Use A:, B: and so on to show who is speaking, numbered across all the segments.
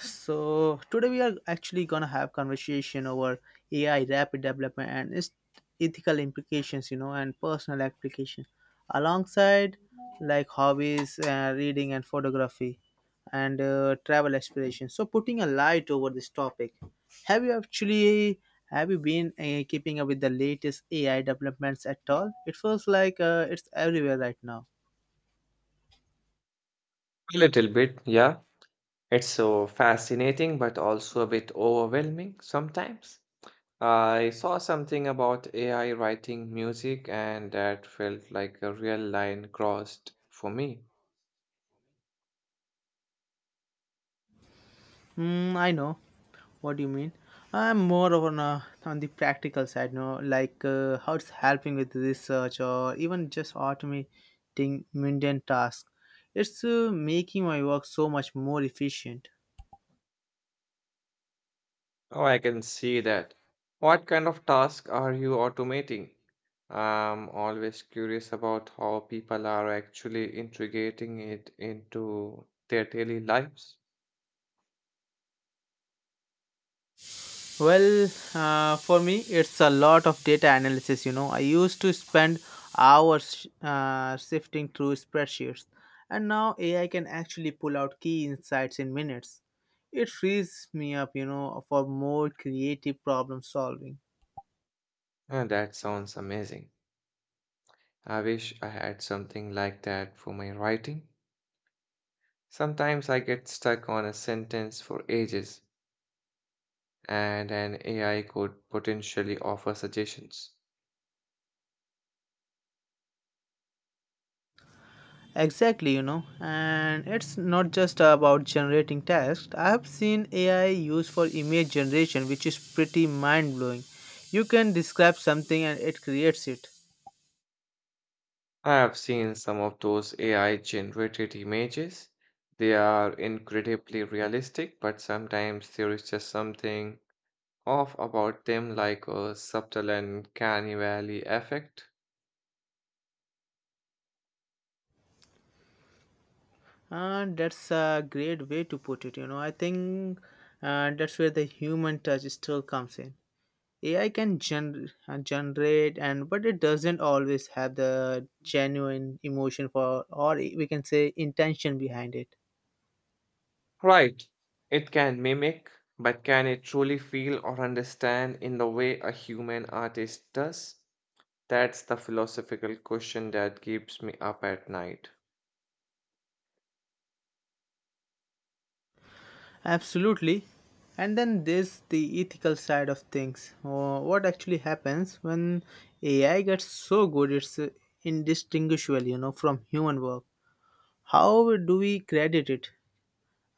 A: So today we are actually gonna have conversation over AI rapid development and its ethical implications, you know, and personal application, alongside like hobbies, reading, and photography, and travel aspirations. So putting a light over this topic, have you actually have you been keeping up with the latest AI developments at all? It feels like it's everywhere right now.
B: A little bit, yeah. It's so fascinating, but also a bit overwhelming sometimes. I saw something about AI writing music, and that felt like a real line crossed for me.
A: Mm, I know what you mean. I'm more of on the practical side, no, like how it's helping with research or even just automating mundane tasks. It's making my work so much more efficient.
B: Oh, I can see that. What kind of task are you automating? I'm always curious about how people are actually integrating it into their daily lives.
A: Well, for me, it's a lot of data analysis. You know, I used to spend hours sifting through spreadsheets, and now AI can actually pull out key insights in minutes. It frees me up, you know, for more creative problem solving.
B: And that sounds amazing. I wish I had something like that for my writing. Sometimes I get stuck on a sentence for ages, and an AI could potentially offer suggestions.
A: Exactly, you know, and it's not just about generating text. I have seen AI used for image generation, which is pretty mind blowing. You can describe something and it creates it.
B: I have seen some of those AI generated images. They are incredibly realistic, but sometimes there is just something off about them, like a subtle and uncanny valley effect.
A: That's a great way to put it. You know, I think that's where the human touch still comes in. AI can generate, and but it doesn't always have the genuine emotion for, or we can say, intention behind it.
B: Right, it can mimic, but can it truly feel or understand in the way a human artist does? That's the philosophical question that keeps me up at night.
A: Absolutely. And then there's the ethical side of things. What actually happens when AI gets so good it's indistinguishable, you know, from human work? How do we credit it?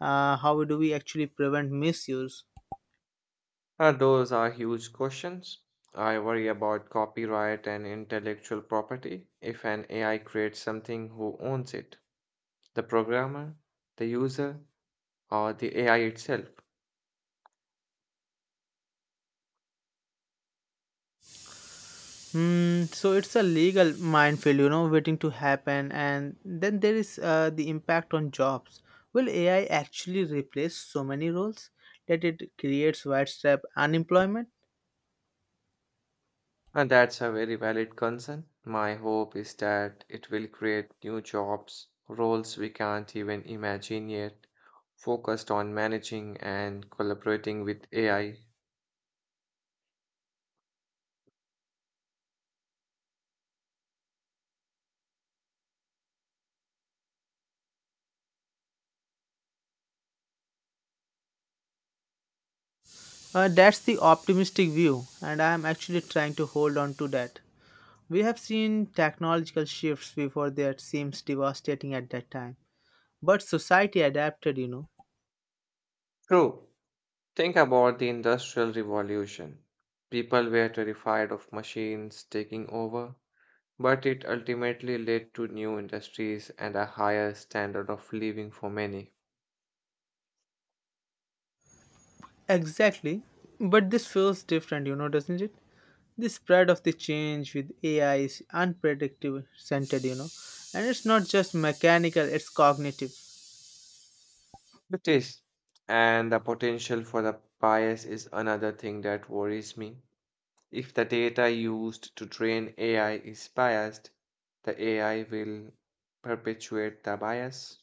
A: How do we actually prevent misuse?
B: Those are huge questions. I worry about copyright and intellectual property. If an AI creates something, who owns it? The programmer, the user, or the AI itself?
A: Hmm, so it's a legal minefield, you know, waiting to happen. And then there is the impact on jobs. Will AI actually replace so many roles that it creates widespread unemployment?
B: And that's a very valid concern. My hope is that it will create new jobs, roles we can't even imagine yet, focused on managing and collaborating with AI.
A: That's the optimistic view, and I'm actually trying to hold on to that. We have seen technological shifts before that seems devastating at that time, but society adapted, you know.
B: True. Think about the Industrial Revolution. People were terrified of machines taking over, but it ultimately led to new industries and a higher standard of living for many.
A: Exactly. But this feels different, you know, doesn't it? The spread of the change with AI is unpredictable centered, you know. And it's not just mechanical, it's cognitive.
B: It is. And the potential for the bias is another thing that worries me. If the data used to train AI is biased, the AI will perpetuate the bias.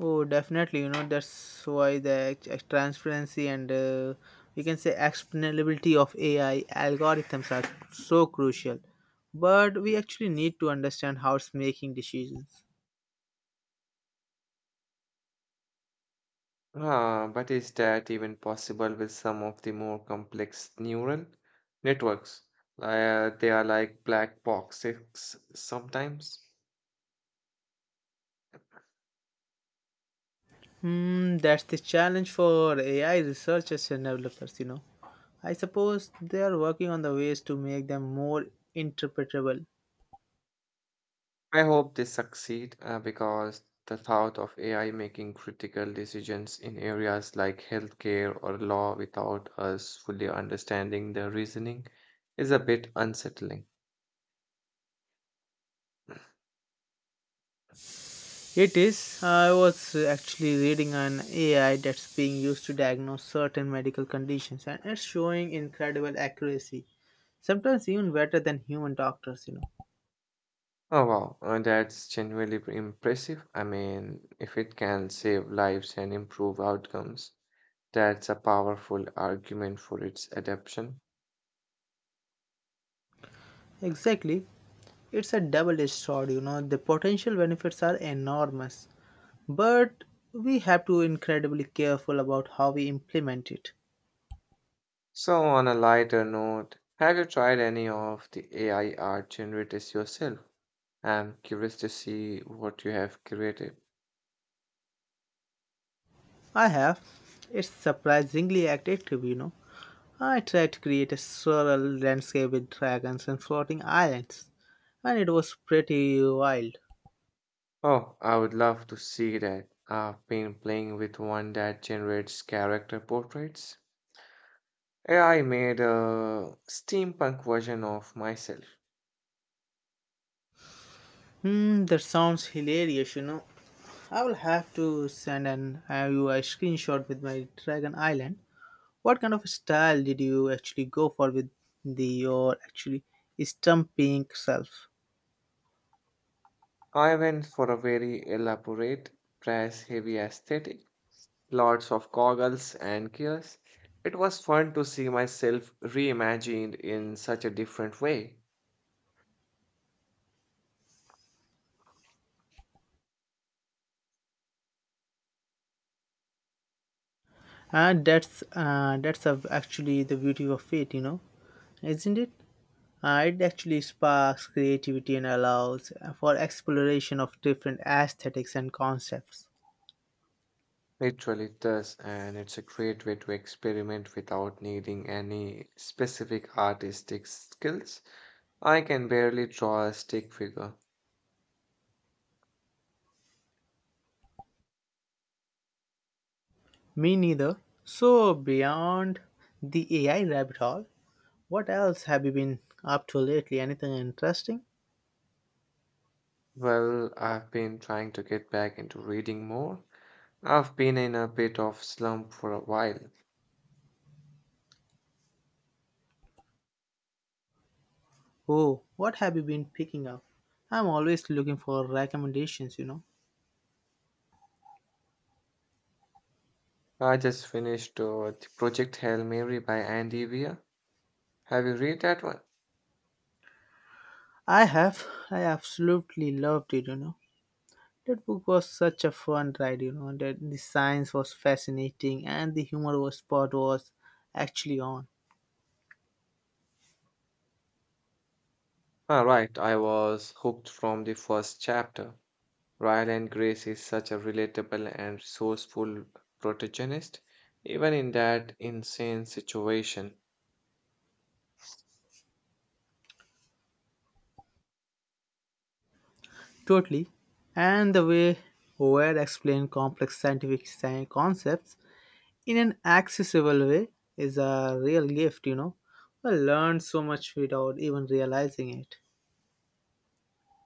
A: Oh, definitely, you know, that's why the transparency and we can say explainability of AI algorithms are so crucial. But we actually need to understand how it's making decisions.
B: Ah, but is that even possible with some of the more complex neural networks? They are like black boxes sometimes.
A: Hmm, that's the challenge for AI researchers and developers, you know. I suppose they are working on the ways to make them more interpretable.
B: I hope they succeed because the thought of AI making critical decisions in areas like healthcare or law without us fully understanding the reasoning is a bit unsettling.
A: It is. I was actually reading an AI that's being used to diagnose certain medical conditions and it's showing incredible accuracy. Sometimes even better than human doctors, you know.
B: Oh wow, that's genuinely impressive. I mean, if it can save lives and improve outcomes. That's a powerful argument for its adoption.
A: Exactly. It's a double edged sword, you know. The potential benefits are enormous, but we have to incredibly careful about how we implement it.
B: So, on a lighter note, have you tried any of the AI art generators yourself? I'm curious to see what you have created.
A: I have. It's surprisingly active, you know. I tried to create a surreal landscape with dragons and floating islands, and it was pretty wild.
B: Oh, I would love to see that. I've been playing with one that generates character portraits. AI made a steampunk version of myself.
A: Hmm, that sounds hilarious, you know. I will have to send an you a screenshot with my Dragon Island. What kind of style did you actually go for with the your actually stumping self?
B: I went for a very elaborate, press heavy aesthetic lots of goggles and gears. It was fun to see myself reimagined in such a different way.
A: And that's actually the beauty of it, you know, isn't it? It actually sparks creativity and allows for exploration of different aesthetics and concepts.
B: It really does, and it's a great way to experiment without needing any specific artistic skills. I can barely draw a stick figure.
A: Me neither. So, beyond the AI rabbit hole, what else have you been up to lately? Anything interesting?
B: Well, I've been trying to get back into reading more. I've been in a bit of slump for a while.
A: Oh, what have you been picking up? I'm always looking for recommendations, you know.
B: I just finished Project Hail Mary by Andy Weir. Have you read that one?
A: I have. I absolutely loved it, you know. That book was such a fun ride, you know. That the science was fascinating and the humor was actually on.
B: Ah, right, I was hooked from the first chapter. Ryle and Grace is such a relatable and resourceful protagonist, even in that insane situation.
A: Totally. And the way Ware explained complex scientific concepts in an accessible way is a real gift, you know. I learned so much without even realizing it.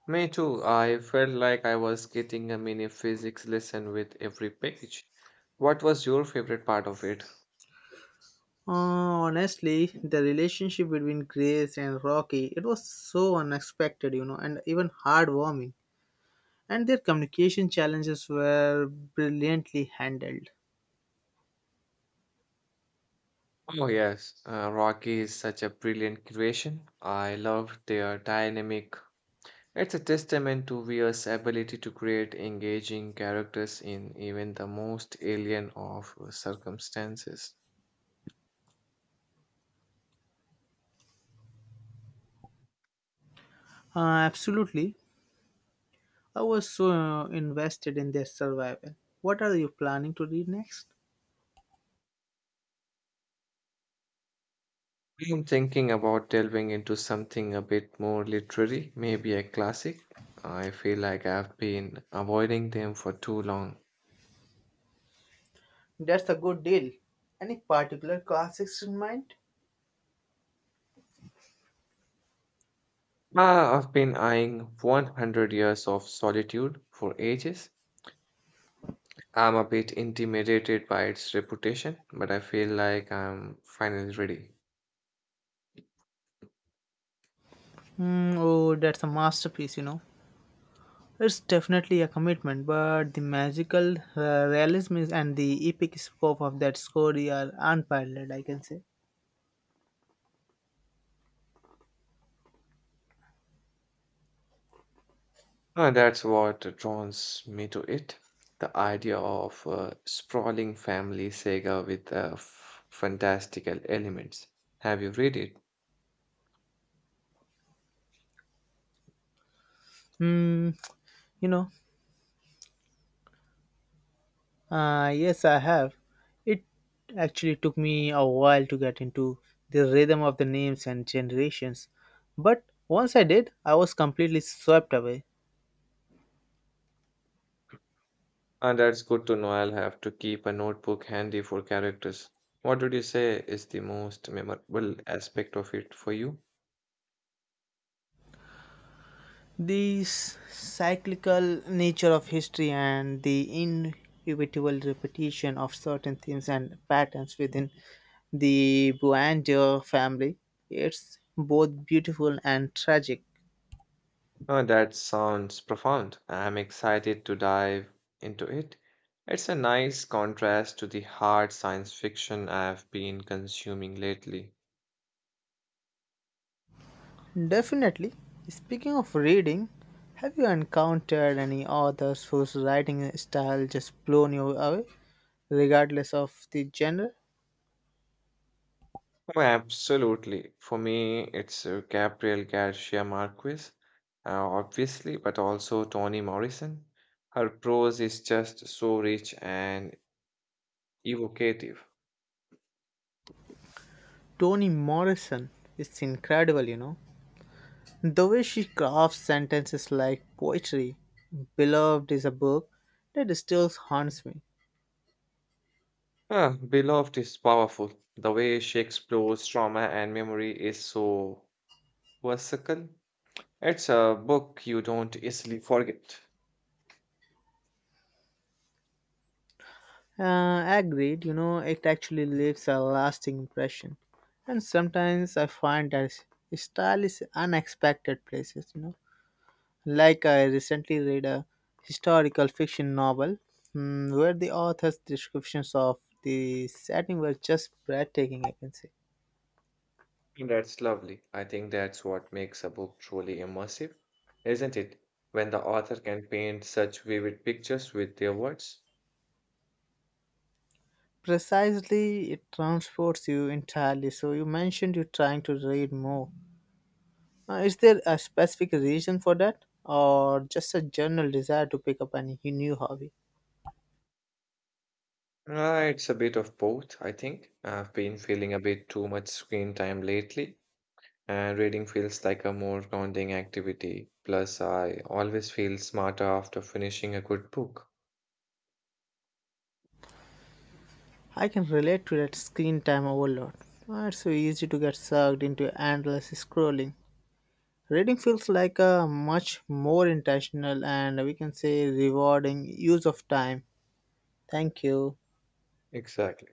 B: Me too, I felt like I was getting a mini physics lesson with every page. What was your favorite part of it?
A: Uh, Honestly, the relationship between Grace and Rocky, it was so unexpected, you know, and even heartwarming. And their communication challenges were brilliantly handled.
B: Oh, yes, Rocky is such a brilliant creation. I loved their dynamic. It's a testament to Weir's ability to create engaging characters in even the most alien of circumstances.
A: Uh, Absolutely. I was so invested in their survival. What are you planning to read next?
B: I'm thinking about delving into something a bit more literary, maybe a classic. I feel like I've been avoiding them for too long.
A: That's a good deal. Any particular classics in mind?
B: Ah, I've been eyeing 100 Years of Solitude for ages. I'm a bit intimidated by its reputation, but I feel like I'm finally ready.
A: Hmm, oh, that's a masterpiece, you know. It's definitely a commitment, but the magical realism is, and the epic scope of that story are unparalleled, I can say.
B: That's what draws me to it. The idea of a sprawling family saga with fantastical elements. Have you read it?
A: Hmm, you know, yes, I have. It actually took me a while to get into the rhythm of the names and generations, but once I did, I was completely swept away.
B: And that's good to know. I'll have to keep a notebook handy for characters. What would you say is the most memorable aspect of it for you?
A: The cyclical nature of history and the inevitable repetition of certain themes and patterns within the Buandeo family, it's both beautiful and tragic.
B: That sounds profound. I'm excited to dive into it. It's a nice contrast to the hard science fiction I've been consuming lately.
A: Definitely. Speaking of reading, have you encountered any authors whose writing style just blown you away, regardless of the genre?
B: Oh, absolutely. For me, it's Gabriel Garcia Marquez, obviously, but also Toni Morrison. Her prose is just so rich and evocative.
A: Toni Morrison is incredible, you know. The way she crafts sentences like poetry, beloved is a book that still haunts me.
B: Ah, Beloved is powerful. The way she explores trauma and memory is so versatile. It's a book you don't easily forget.
A: Agreed, you know, it actually leaves a lasting impression. And sometimes I find that style is unexpected places, you know. Like I recently read a historical fiction novel where the author's descriptions of the setting were just breathtaking, I can say.
B: And that's lovely. I think that's what makes a book truly immersive, isn't it? When the author can paint such vivid pictures with their words.
A: Precisely, it transports you entirely. So you mentioned you're trying to read more. Is there a specific reason for that, or just a general desire to pick up any new hobby?
B: It's a bit of both, I think. I've been feeling a bit too much screen time lately, and reading feels like a more grounding activity. Plus, I always feel smarter after finishing a good book.
A: I can relate to that screen time overload. It's so easy to get sucked into endless scrolling. Reading feels like a much more intentional and we can say rewarding use of time. Thank you.
B: Exactly.